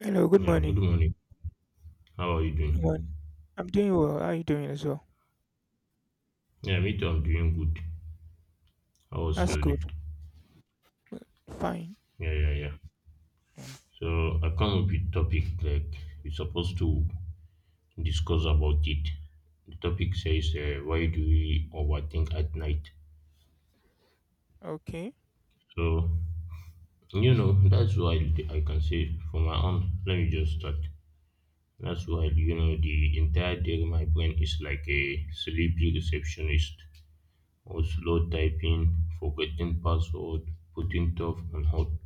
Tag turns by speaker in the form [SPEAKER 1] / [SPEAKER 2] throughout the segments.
[SPEAKER 1] Hello, good
[SPEAKER 2] Yeah, good
[SPEAKER 1] morning.
[SPEAKER 2] morning. How are you doing?
[SPEAKER 1] Good morning. I'm doing well. How are you doing as well?
[SPEAKER 2] Yeah, me too. I'm doing good. How was
[SPEAKER 1] That's
[SPEAKER 2] your day?
[SPEAKER 1] good. Well, fine.
[SPEAKER 2] Yeah, yeah, yeah. So I come up with topic like we're supposed to discuss about it. The topic says why do we overthink at night?
[SPEAKER 1] Okay.
[SPEAKER 2] So that's why I can say for my own. Let me just start. That's why the entire day my brain is like a sleepy receptionist, or slow typing, forgetting password, putting stuff on hold.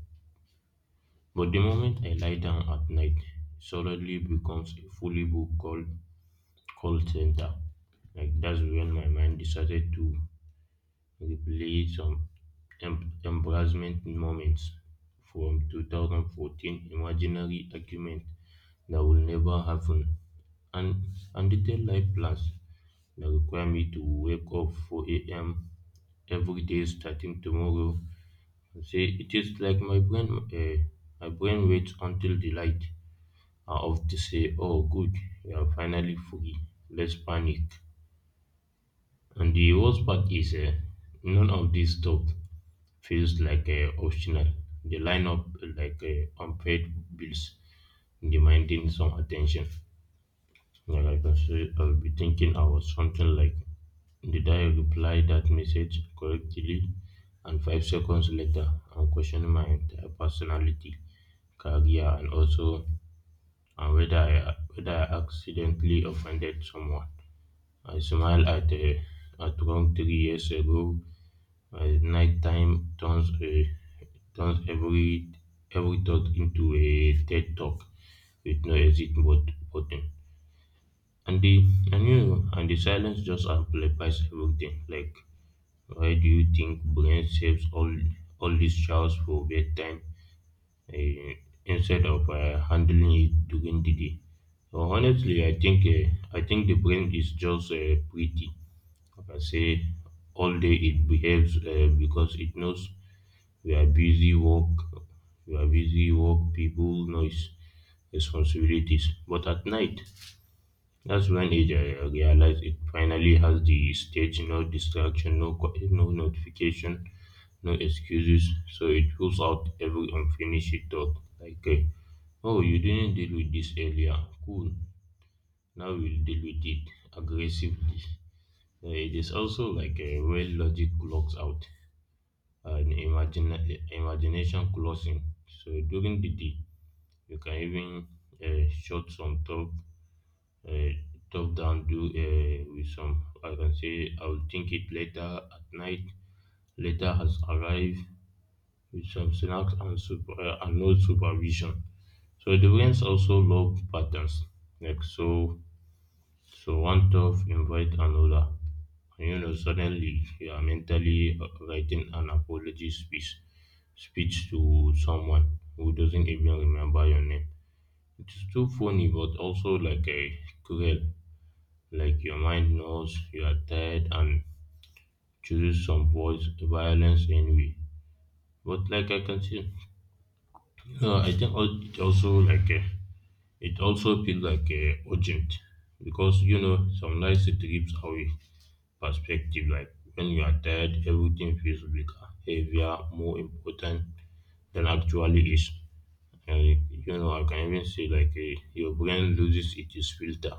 [SPEAKER 2] But the moment I lie down at night, it suddenly becomes a fully booked call center. Like that's when my mind decided to replay some embarrassment moments from 2014, imaginary argument that will never happen, and and detailed life plans that require me to wake up 4 a.m. every day starting tomorrow. Say it is like uh, my brain waits until the light are often say, oh, good, you are finally free. Let's panic. And the worst part is, none of this stuff feels like optional. They line up like unpaid bills, demanding some attention. Yeah, like I say, I'll be thinking I was something like, did I reply that message correctly? And 5 seconds later, I'm questioning my entire personality, career, and also and whether I accidentally offended someone. I smile at a at wrong 3 years ago. My nighttime turns every thought into a TED talk with no exit but button. And the and you know, And the silence just amplifies everything. Like why do you think brain saves all these showers for bedtime eh, instead of handling it during the day. So honestly, I think the brain is just pretty. Like I say, all day it behaves because it knows we are busy work, we are busy work, people, noise, responsibilities. But at night, that's when it realizes it finally has the stage, no distraction, no notification, no excuses. So it pulls out every unfinished thought, like. Oh, you didn't deal with this earlier. Cool. Now we'll deal with it aggressively. It is also like a where logic clocks out and imagination closing. So during the day, you can even shut some top, uh, top down do with some. I can say I'll think it later at night. Later has arrived, with some snacks and, and no supervision. So the rains also love patterns. Like so, so one tough invite another. And you know, suddenly you are mentally writing an speech to someone who doesn't even remember your name. It's too funny, but also like a cruel. Like your mind knows you are tired and chooses some voice violence anyway. But like I can see, no, it also like it also feels like urgent because you know some nights it trips our perspective. Like when you are tired, everything feels bigger, heavier, more important than actually is. And you know, I can even say like your brain loses its filter,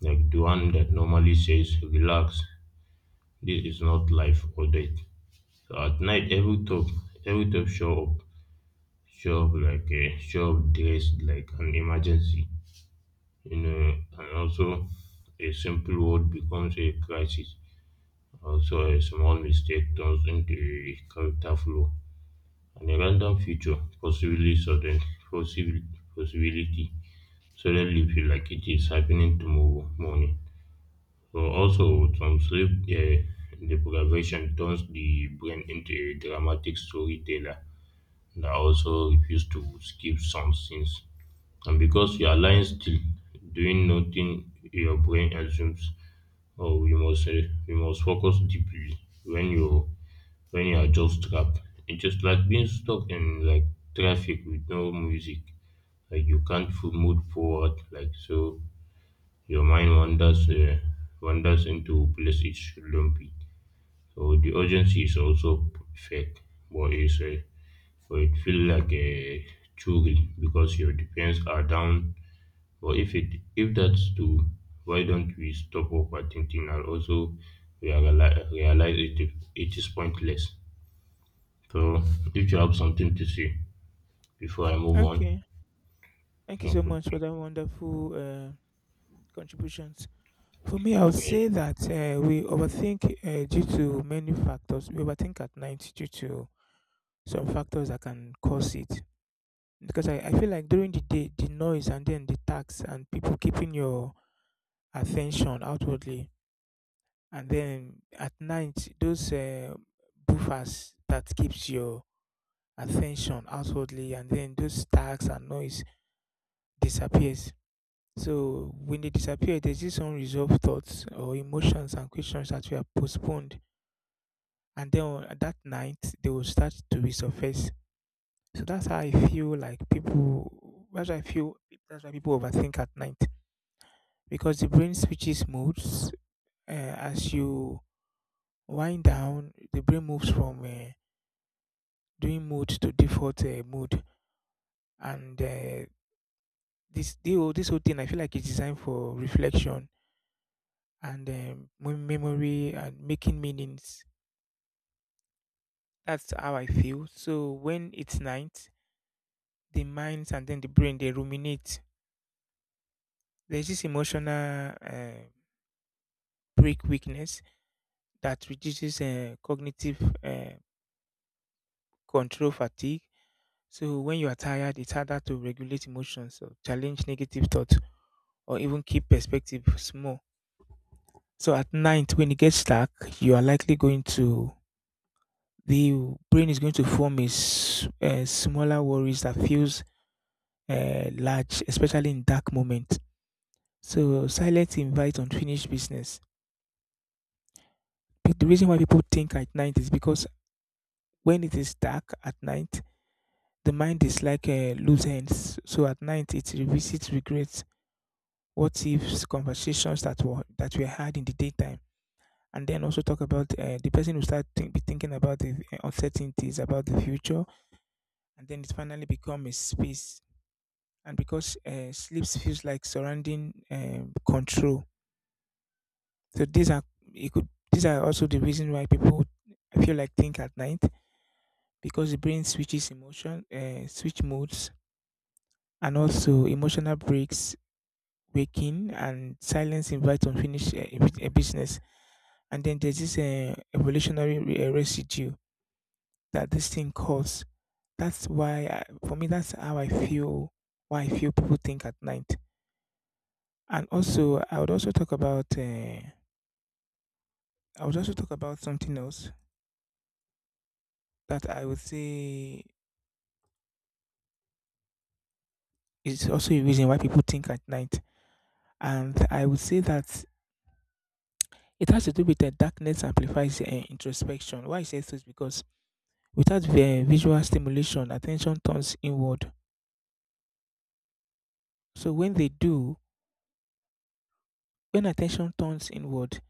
[SPEAKER 2] like the one that normally says relax. This is not life or death. So at night, every top show up like a show up dressed like an emergency, you know, and also a simple word becomes a crisis. Also, a small mistake turns into a character flaw, and a random feature, possibly, possibility, suddenly feel like it is happening tomorrow morning. So also, some sleep deprivation turns the brain into a dramatic storyteller that also refuses to skip some scenes. And because you are lying still, doing nothing, your brain assumes oh, we must focus deeply when you when you are just trapped. It's just like being stuck in like traffic with no music. Like you can't fo- move forward. Your mind wanders into places it shouldn't be. So the urgency is also fake, but it's uh, but it feels like a true because your defense are down. But if that's true, why don't we stop overthinking and also realize it, it is pointless? So if you have something to say before I move on,
[SPEAKER 1] Okay. Thank
[SPEAKER 2] you
[SPEAKER 1] you
[SPEAKER 2] can
[SPEAKER 1] so much for
[SPEAKER 2] continue.
[SPEAKER 1] that wonderful contributions. For me, I would
[SPEAKER 2] Yeah,
[SPEAKER 1] say that we overthink due to many factors. We overthink at night due to some factors that can cause it. Because I feel like during the day, the noise and then the tax and people keeping your attention outwardly. And then at night, those buffers that keeps your attention outwardly and then those tags and noise disappears, so when they disappear there's this unresolved thoughts or emotions and questions that were postponed, and then on that night they will start to resurface. So that's how I feel like people, that's why people overthink at night, because the brain switches modes as you wind down. The brain moves from doing mode to default mode, and this whole thing I feel like it's designed for reflection and memory and making meanings. That's how I feel. So when it's night, the minds and then the brain, they ruminate. There's this emotional break weakness that reduces cognitive uh, control fatigue. So when you are tired, it's harder to regulate emotions or challenge negative thoughts or even keep perspective small. So at night, when it gets dark, you are likely going to, the brain is going to form a, a smaller worries that feels large, especially in dark moments. So silence invites unfinished business. But the reason why people think at night is because when it is dark at night, the mind is like loose ends. So at night, it revisits regrets, what ifs, conversations that were had in the daytime, and then also talk about the person who start think, be thinking about the uncertainties about the future, and then it finally become a space, and because sleep feels like surrounding control. So these are, it could, these are also the reason why people, I feel like, think at night, because the brain switches emotion, switch modes, and also emotional breaks, waking, and silence invites unfinished business. And then there's this evolutionary residue that this thing causes. That's why, I, for me, that's how I feel. Why I feel people think at night. And also I would also talk about I would also talk about something else that I would say is also a reason why people think at night. And I would say that it has to do with the darkness amplifies introspection. Why I say this? Because without the visual stimulation, attention turns inward. So when they do, when attention turns inward,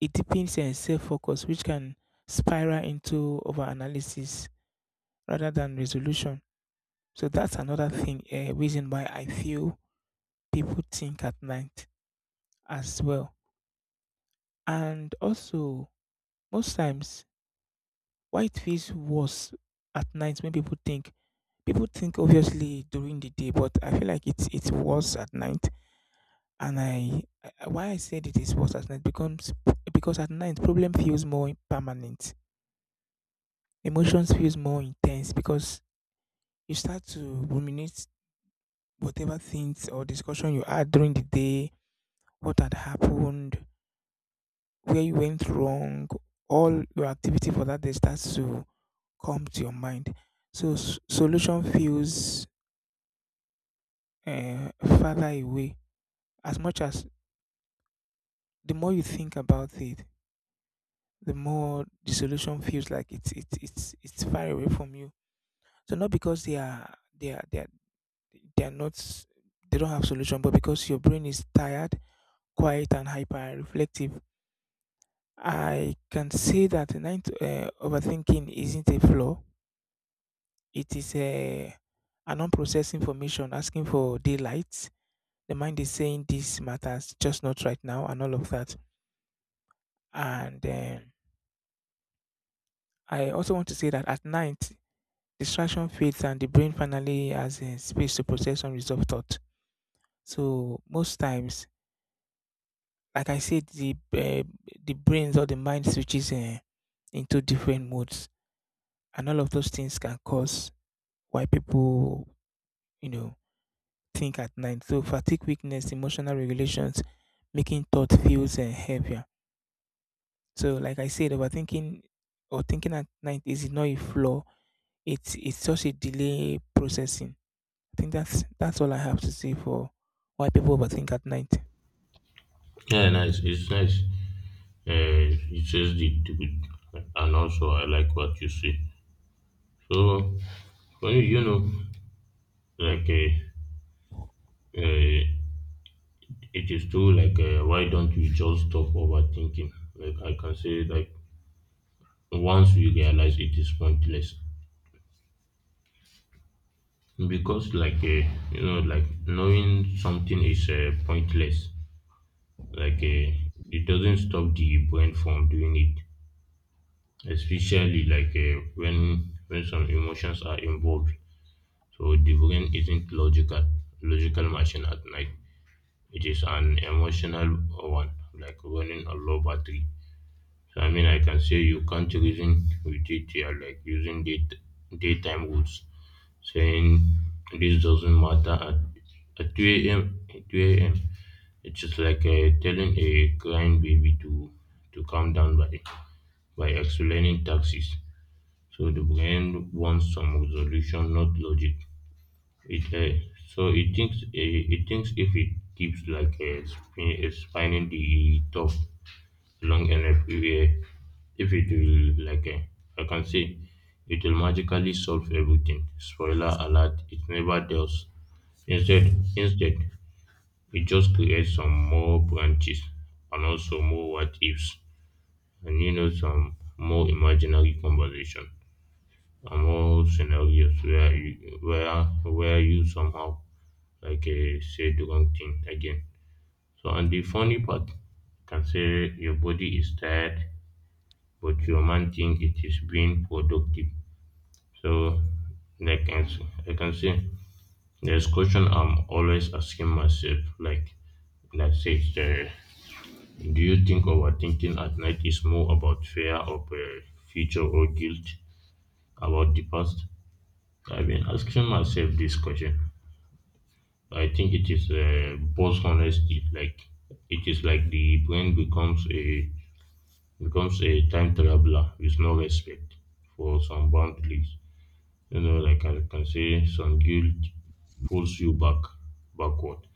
[SPEAKER 1] it deepens and self focus, which can spiral into over analysis rather than resolution. So that's another thing, a reason why I feel people think at night as well. And also, most times, why it feels worse at night when people think. People think obviously during the day, but I feel like it's worse at night. And I why I said it is worse at night becomes because at night problem feels more permanent. Emotions feels more intense because you start to ruminate whatever things or discussion you had during the day, what had happened, where you went wrong, all your activity for that day starts to come to your mind. So solution feels uh, farther away. As much as the more you think about it, the more the solution feels like it's far away from you. So not because they are not, they don't have solution, but because your brain is tired, quiet, and hyper reflective. I can say that ninth overthinking isn't a flaw. It is a an unprocessed information asking for daylight. The mind is saying this matters, just not right now, and all of that. And I also want to say that at night, distraction fades and the brain finally has a space to process unresolved thought. So most times, like I said, the brains or the mind switches into different modes, and all of those things can cause why people, you know, think at night. So fatigue, weakness, emotional regulations, making thought feels heavy. So, like I said, overthinking or thinking at night is not a flaw. It's just a delay processing. I think that's all I have to say for why people overthink at night.
[SPEAKER 2] yeah, nice. It's nice. It says the truth, and also I like what you say. So when you know, like uh, it is true. Like why don't we just stop overthinking? Like I can say, like once we realize it is pointless, because like a you know like knowing something is pointless like a it doesn't stop the brain from doing it, especially like when some emotions are involved. So the brain isn't logical machine at night, it is an emotional one, like running a low battery. So I mean I can say you can't reason with it, yeah, like daytime rules saying this doesn't at 2 a.m. At 2 a.m. It's just like telling a crying baby to calm down by explaining taxes. So the brain wants some resolution, not logic. It so it thinks if it keeps like spinning the top long enough, uh, if it will like I can say, it will magically solve everything. Spoiler alert: it never does. Instead, it just creates some more branches and also more what ifs, and you know some more imaginary conversation and more scenarios where you somehow like say the wrong thing again. So and the funny part can say your body is tired, but your mind think it is being productive. So like I s- I can say there's question I'm always asking myself, like said, do you think overthinking at night is more about fear of future or guilt about the past? I've been asking myself this question. I think it is both honesty, like it is like the brain becomes a becomes a time traveler with no respect for some boundaries. You know, like I can say, some guilt pulls you back backward.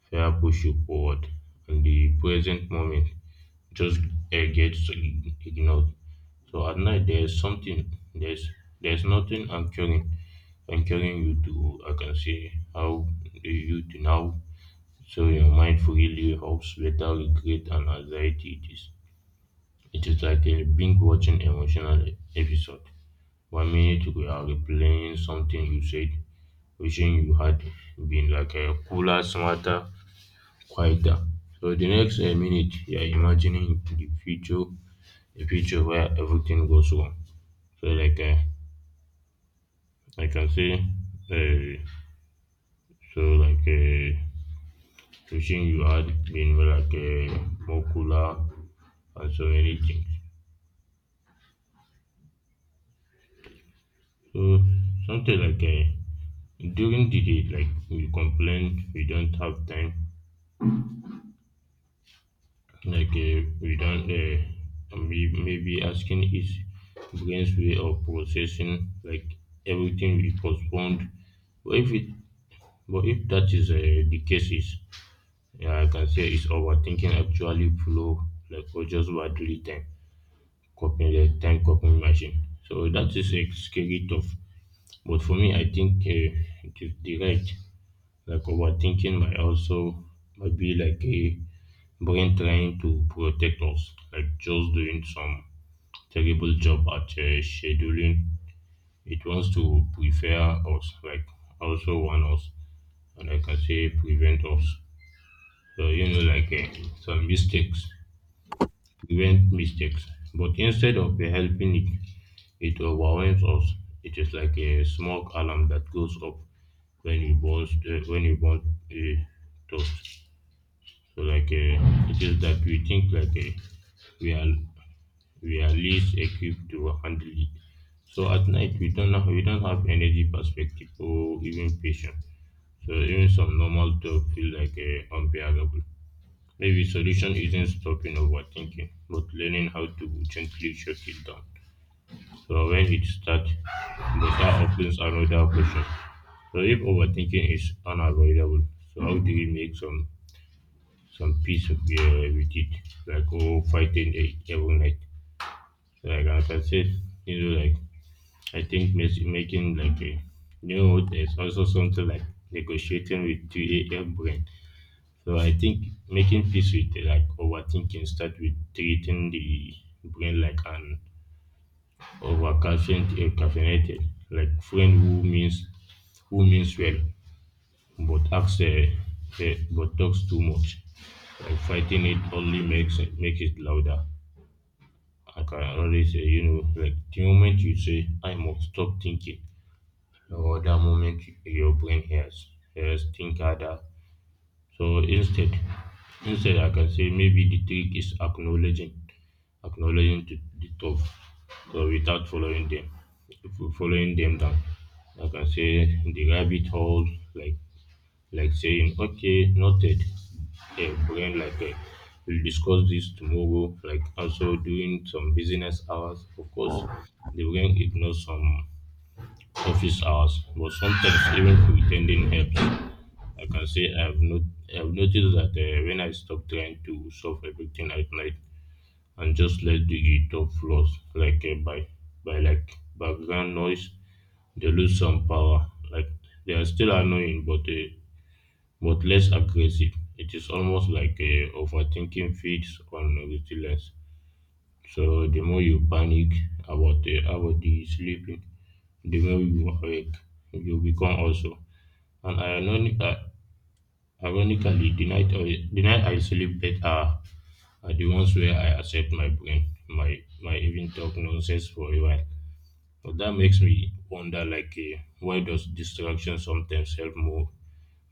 [SPEAKER 2] Fear push you forward, and the present moment just gets ignored. So at night there's something there's nothing anchoring you to, I can say how do you to now. So your mind freely hopes better regret and anxiety it is. It is like a binge watching emotional episode. 1 minute you are replaying something you said, wishing you had been like a cooler, smarter, quieter. So the next minute you are imagining the future a future where everything goes wrong. So like I can say um so like Wishing you had been like more cooler and so many things. So something like during the day like we complain we don't have time, like we don't may- maybe asking is brain's way of processing like everything we postponed. but if it but if that is the case is, yeah, I can say it's overthinking actually flow, like or just battery time copying the time copying machine, so that is a scary tough. But for me I think it is the right. Like overthinking might also might be like a brain trying to protect us, like just doing some terrible job at scheduling. It wants to prepare us, like also warn us, and like I can say prevent us. So you know, like some mistakes, prevent mistakes. But instead of helping it, it overwhelms us. It is like a smoke alarm that goes up when you burn a toast. So like it is that we think like we are we are least equipped to handle it. So at night we don't have energy perspective or even patience. So even some normal talk feel like unbearable. Maybe solution isn't stopping overthinking, but learning how to gently shut it down. So when it starts, but that opens another question. So if overthinking is unavoidable, so how do we make some peace of, with it, like oh fighting it every night? So like as I said, you know, like I think making like a new there's also something like negotiating with 2 a.m. brain. So I think making peace with like overthinking start with treating the brain like an overcaffeinated. Caffeinated like friend who means well but acts but talks too much. Like fighting it only makes it make it louder. I can always say, you know, like the moment you say I must stop thinking, or that moment your brain hears think harder. So instead, I can say maybe the trick is acknowledging the thought, so without following them, following them down. I can say the rabbit hole, like like saying okay, noted. The brain we'll discuss this tomorrow. Like also doing some business hours. Of course, the brain ignores some office hours, but sometimes even pretending helps. I can say I've not I've noticed that when I stop trying to solve everything at night and just let the top flows by by background noise, they lose some power. Like they are still annoying, but less aggressive. It is almost overthinking feeds on resilience. So the more you panic about the sleeping, the more you awake. You become also. and ironic, uh, ironically, the night I sleep better are the ones where I accept my brain, my even talk nonsense for a while. But that makes me wonder, why does distraction sometimes help more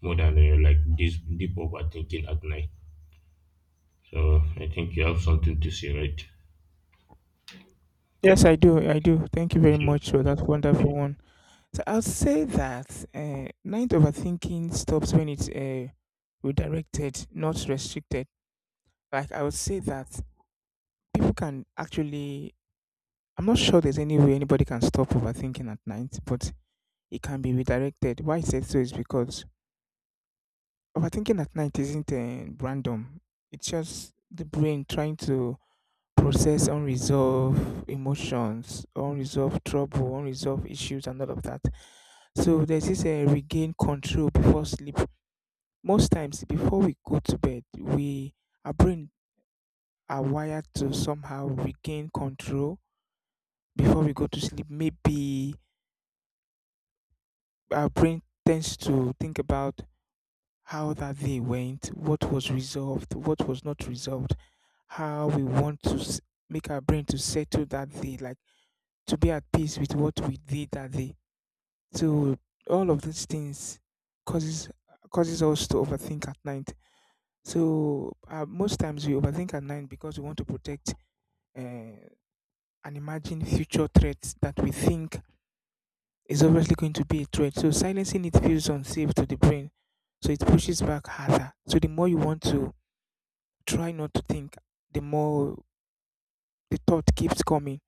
[SPEAKER 2] more than like this deep overthinking at night? So I think you have something to say, right?
[SPEAKER 1] Yes, I do. I do. Thank you very
[SPEAKER 2] Okay.
[SPEAKER 1] much for that wonderful one. So I'll say that night overthinking stops when it's redirected, not restricted. Like I would say that people can actually, I'm not sure there's any way anybody can stop overthinking at night, but it can be redirected. Why I said so is because overthinking at night isn't random. It's just the brain trying to process unresolved emotions, unresolved trouble, unresolved issues, and all of that. So there's this regain control before sleep. Most times, before we go to bed, we, our brain are wired to somehow regain control before we go to sleep. Maybe our brain tends to think about how that day went, what was resolved, what was not resolved, how we want to make our brain to settle that day, like to be at peace with what we did that day. So all of these things causes causes us to overthink at night. So most times we overthink at night because we want to protect uh, an imagined future threat that we think is obviously going to be a threat. So silencing it feels unsafe to the brain. So it pushes back harder. So the more you want to try not to think, the more the thought keeps coming.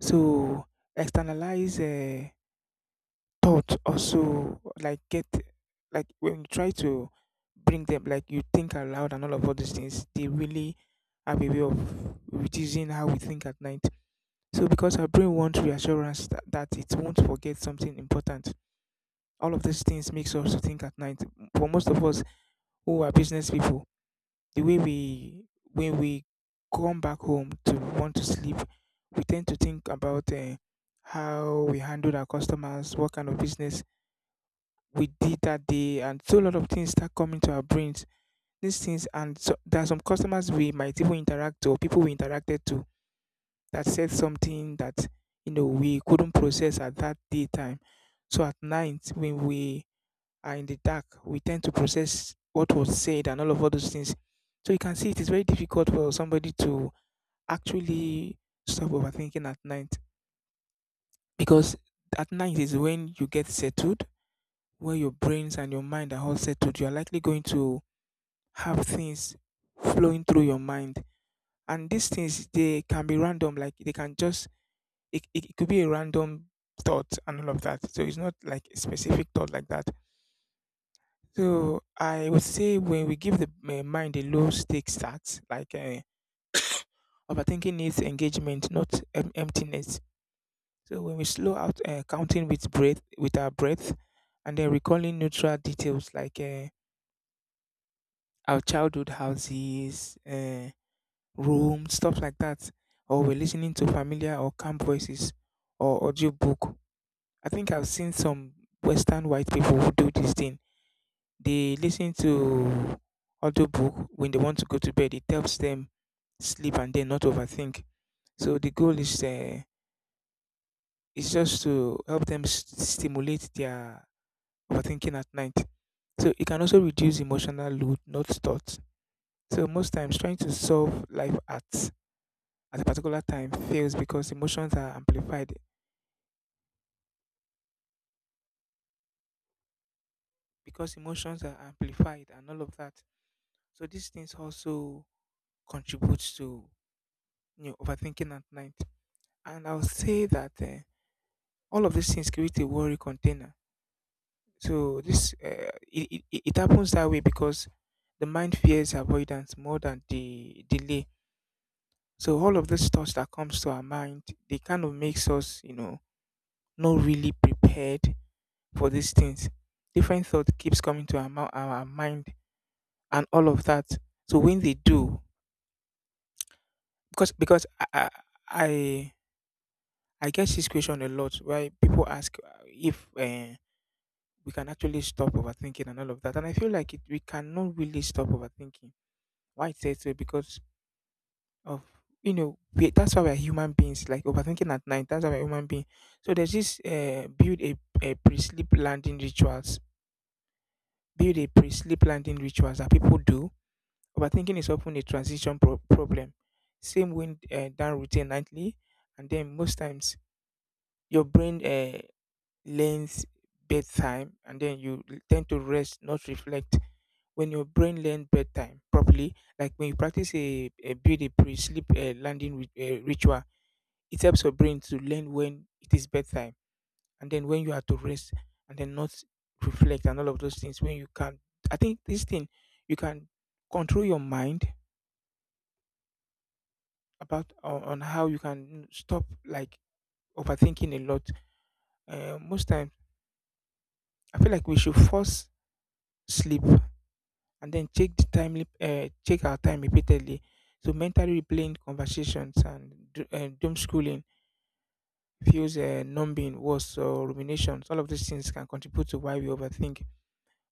[SPEAKER 1] So externalize thought also like get, like when you try to bring them, like you think aloud and all of all these things, they really have a way of reducing how we think at night. So because our brain wants reassurance that, that it won't forget something important, all of these things makes us think at night. For most of us who are business people, the way we, when we come back home to want to sleep, we tend to think about how we handled our customers, what kind of business we did that day, and so a lot of things start coming to our brains, these things, and so there are some customers we might even interact to, or people we interacted to that said something that, you know, we couldn't process at that daytime. So at night when we are in the dark, we tend to process what was said and all of all those things. So you can see it is very difficult for somebody to actually stop overthinking at night, because at night is when you get settled, where your brains and your mind are all settled. You are likely going to have things flowing through your mind, and these things they can be random. Like they can just, it could be a random thought and all of that. So it's not like a specific thought like that. So I would say when we give the mind a low stake start, like overthinking needs engagement, not emptiness. So when we slow out counting with breath, with our breath, and then recalling neutral details like our childhood houses, rooms, stuff like that, or we're listening to familiar or calm voices or audiobook. I think I've seen some Western white people who do this thing, they listen to audiobook when they want to go to bed. It helps them sleep and then not overthink. So the goal is just to help them stimulate their overthinking at night. So it can also reduce emotional load, not thoughts. So most times trying to solve life at a particular time fails because emotions are amplified. Because emotions are amplified and all of that. So these things also contributes to, you know, overthinking at night. And I'll say that all of these things create a worry container. So this it it happens that way because the mind fears avoidance more than the delay. So all of these thoughts that comes to our mind, they kind of makes us, you know, not really prepared for these things. Different thought keeps coming to our, our mind and all of that. So when they do, because I I get this question a lot where people ask if. We can actually stop overthinking and all of that. And I feel like it, we cannot really stop overthinking. Why it says so? Because of we, that's why we're human beings. Like overthinking at night, that's why we're human being. So there's this build a pre-sleep landing rituals. Build a pre-sleep landing rituals that people do. Overthinking is often a transition problem. Same wind down routine nightly, and then most times your brain learns bedtime, and then you tend to rest, not reflect when your brain learns bedtime properly, like when you practice a build a pre-sleep landing ritual, it helps your brain to learn when it is bedtime and then when you are to rest and then not reflect and all of those things. When you can, I think this thing you can control your mind about on how you can stop like overthinking a lot. Most times, I feel like we should force sleep and then check the timely check our time repeatedly. So mentally replaying conversations and doom schooling feels numbing, worse or ruminations. All of these things can contribute to why we overthink.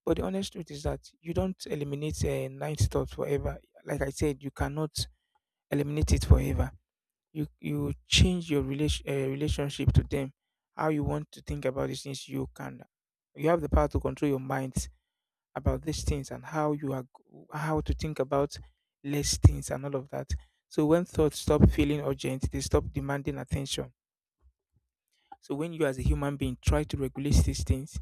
[SPEAKER 1] But the honest truth is that you don't eliminate night thoughts forever. Like I said, you cannot eliminate it forever. You change your relationship to them. How you want to think about these things, you can. You have the power to control your mind about these things and how you how to think about less things and all of that. So when thoughts stop feeling urgent, they stop demanding attention. So when you as a human being try to regulate these things,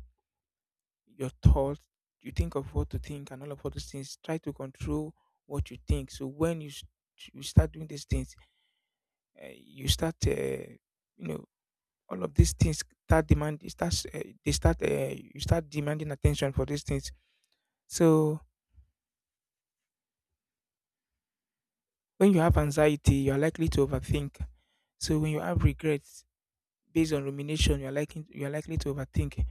[SPEAKER 1] your thoughts, you think of what to think and all those things, try to control what you think. So when you start doing these things, you start you know all of these things start demand it starts they start you start demanding attention for these things. So when you have anxiety, you are likely to overthink. So when you have regrets based on rumination, you are likely to overthink.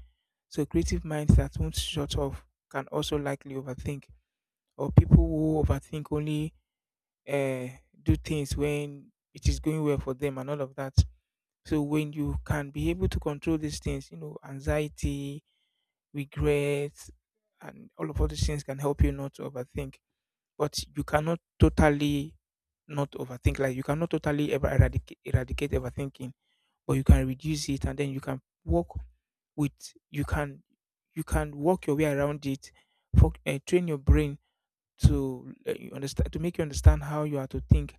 [SPEAKER 1] So creative minds that won't shut off can also likely overthink. Or people who overthink only uh, do things when it is going well for them and all of that. So when you can be able to control these things, you know, anxiety, regret, and all these things can help you not to overthink. But you cannot totally not overthink. Like you cannot totally ever eradicate overthinking, but you can reduce it, and then you can work with you can you can work your way around it. Train your brain to you understand to make you understand how you are to think,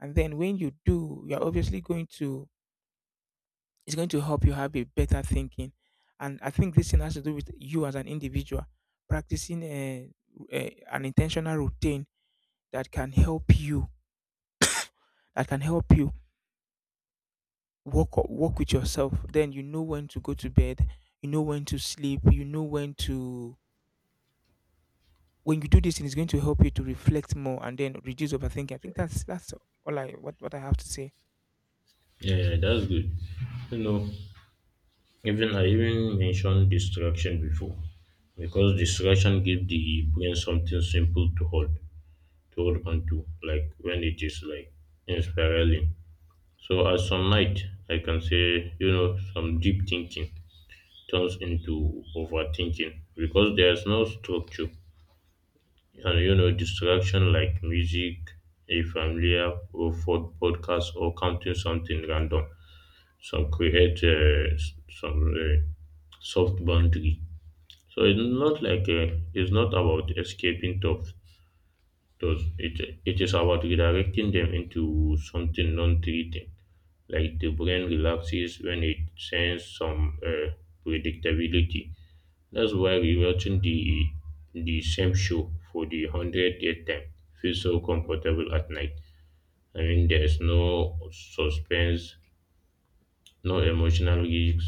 [SPEAKER 1] and then when you do, you are obviously going to it's going to help you have a better thinking. And I think this thing has to do with you as an individual practicing an intentional routine that can help you that can help you work work with yourself. Then you know when to go to bed, you know when to sleep, you know when to, when you do this thing it's going to help you to reflect more and then reduce overthinking. I think that's all I what I have to say.
[SPEAKER 2] Yeah, yeah, that's good. You know, even mentioned distraction before because distraction gives the brain something simple to hold onto, like when it is like inspiraling. So at some night, I can say, you know, some deep thinking turns into overthinking because there's no structure, and you know, distraction like music, a familiar or for podcast or counting something random. Some create some soft boundary. So it's not about escaping tough, does it? It is about redirecting them into something non-threatening. Like the brain relaxes when it senses some predictability. That's why rewatching the same show for the hundredth time feels so comfortable at night. I mean, there's no suspense, no emotional risks.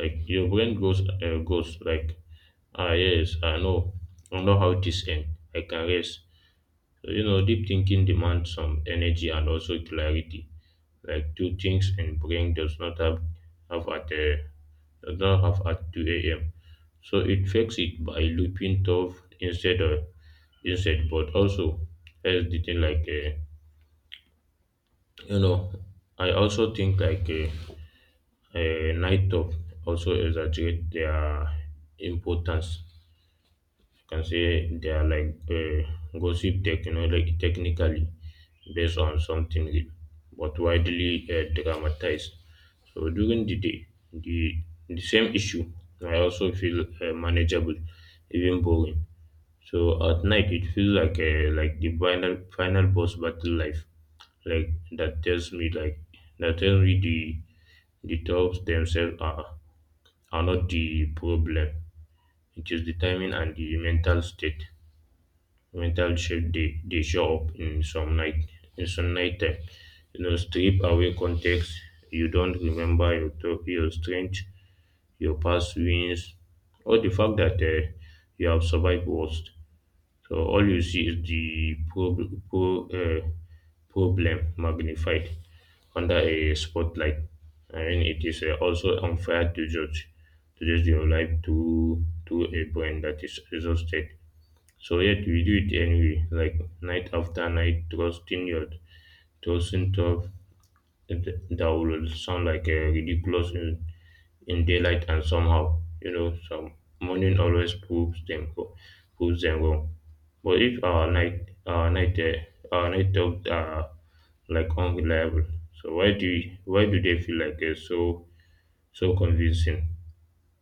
[SPEAKER 2] Like your brain goes goes like, ah, yes, I know how this ends. I can rest. You know, deep thinking demands some energy and also clarity. Like two things in brain does not have have at a does not have at two a.m. So it fakes it by looping tough instead, but also as the thing you know, I also think night of also exaggerate their importance. You can say they are like gossip tech, you know, like technically based on something real, but widely dramatized. So during the day, the same issue I also feel manageable, even boring. So at night, it feels like the final boss battle life. Like that tells me the thoughts themselves are not the problem. It is the timing and the mental state. Metal sheet, they show up in some night time. You know, strip away context, you don't remember your strength, your past wins, or the fact that you have survived worst. So all you see is the problem magnified under a spotlight. I mean, it is also unfair to judge your life to a brain that is exhausted. So yet we do it anyway, like night after night, trusting tough that will sound like a ridiculous in daylight, and somehow, you know, some morning always proves them proves them wrong. But if our night talks are like unreliable, so why do they feel so so convincing?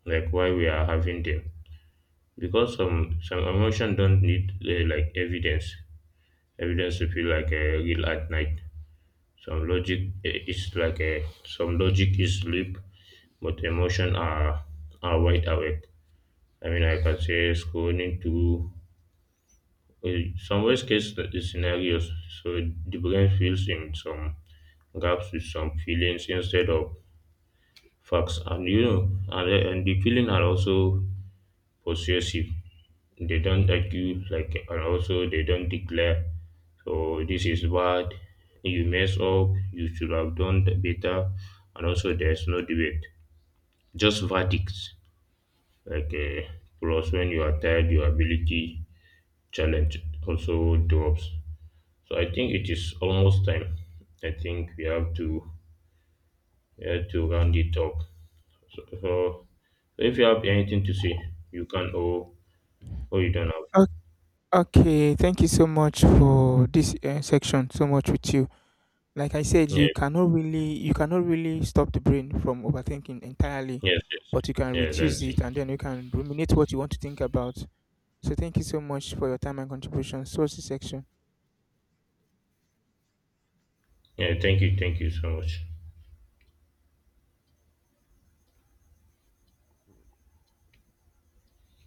[SPEAKER 2] Like why we are having them? Because some emotion don't need like evidence. Evidence will feel like a real at night. Some logic is sleep, but emotion are wide awake. I mean, I can say scrolling to some worst case scenarios. So the brain fills in some gaps with some feelings instead of facts, and you know, and the feeling are also possessive. They don't argue like, and also they don't declare. So this is bad. You mess up, you should have done better. And also there's no debate, just verdicts. like uh, Plus when you are tired, your ability challenge also drops. So I think it is almost time. I think we have to round it up. So, so if you have anything to say you can, or you don't have.
[SPEAKER 1] O- okay, thank you so much for this section so much with you. Like I said,
[SPEAKER 2] Yeah,
[SPEAKER 1] you cannot really stop the brain from overthinking entirely,
[SPEAKER 2] yes, yes.
[SPEAKER 1] but you can
[SPEAKER 2] Yeah,
[SPEAKER 1] reduce
[SPEAKER 2] that's it.
[SPEAKER 1] it, and then you can ruminate what you want to think about. So thank you so much for your time and contribution so this section.
[SPEAKER 2] Yeah, thank you so much.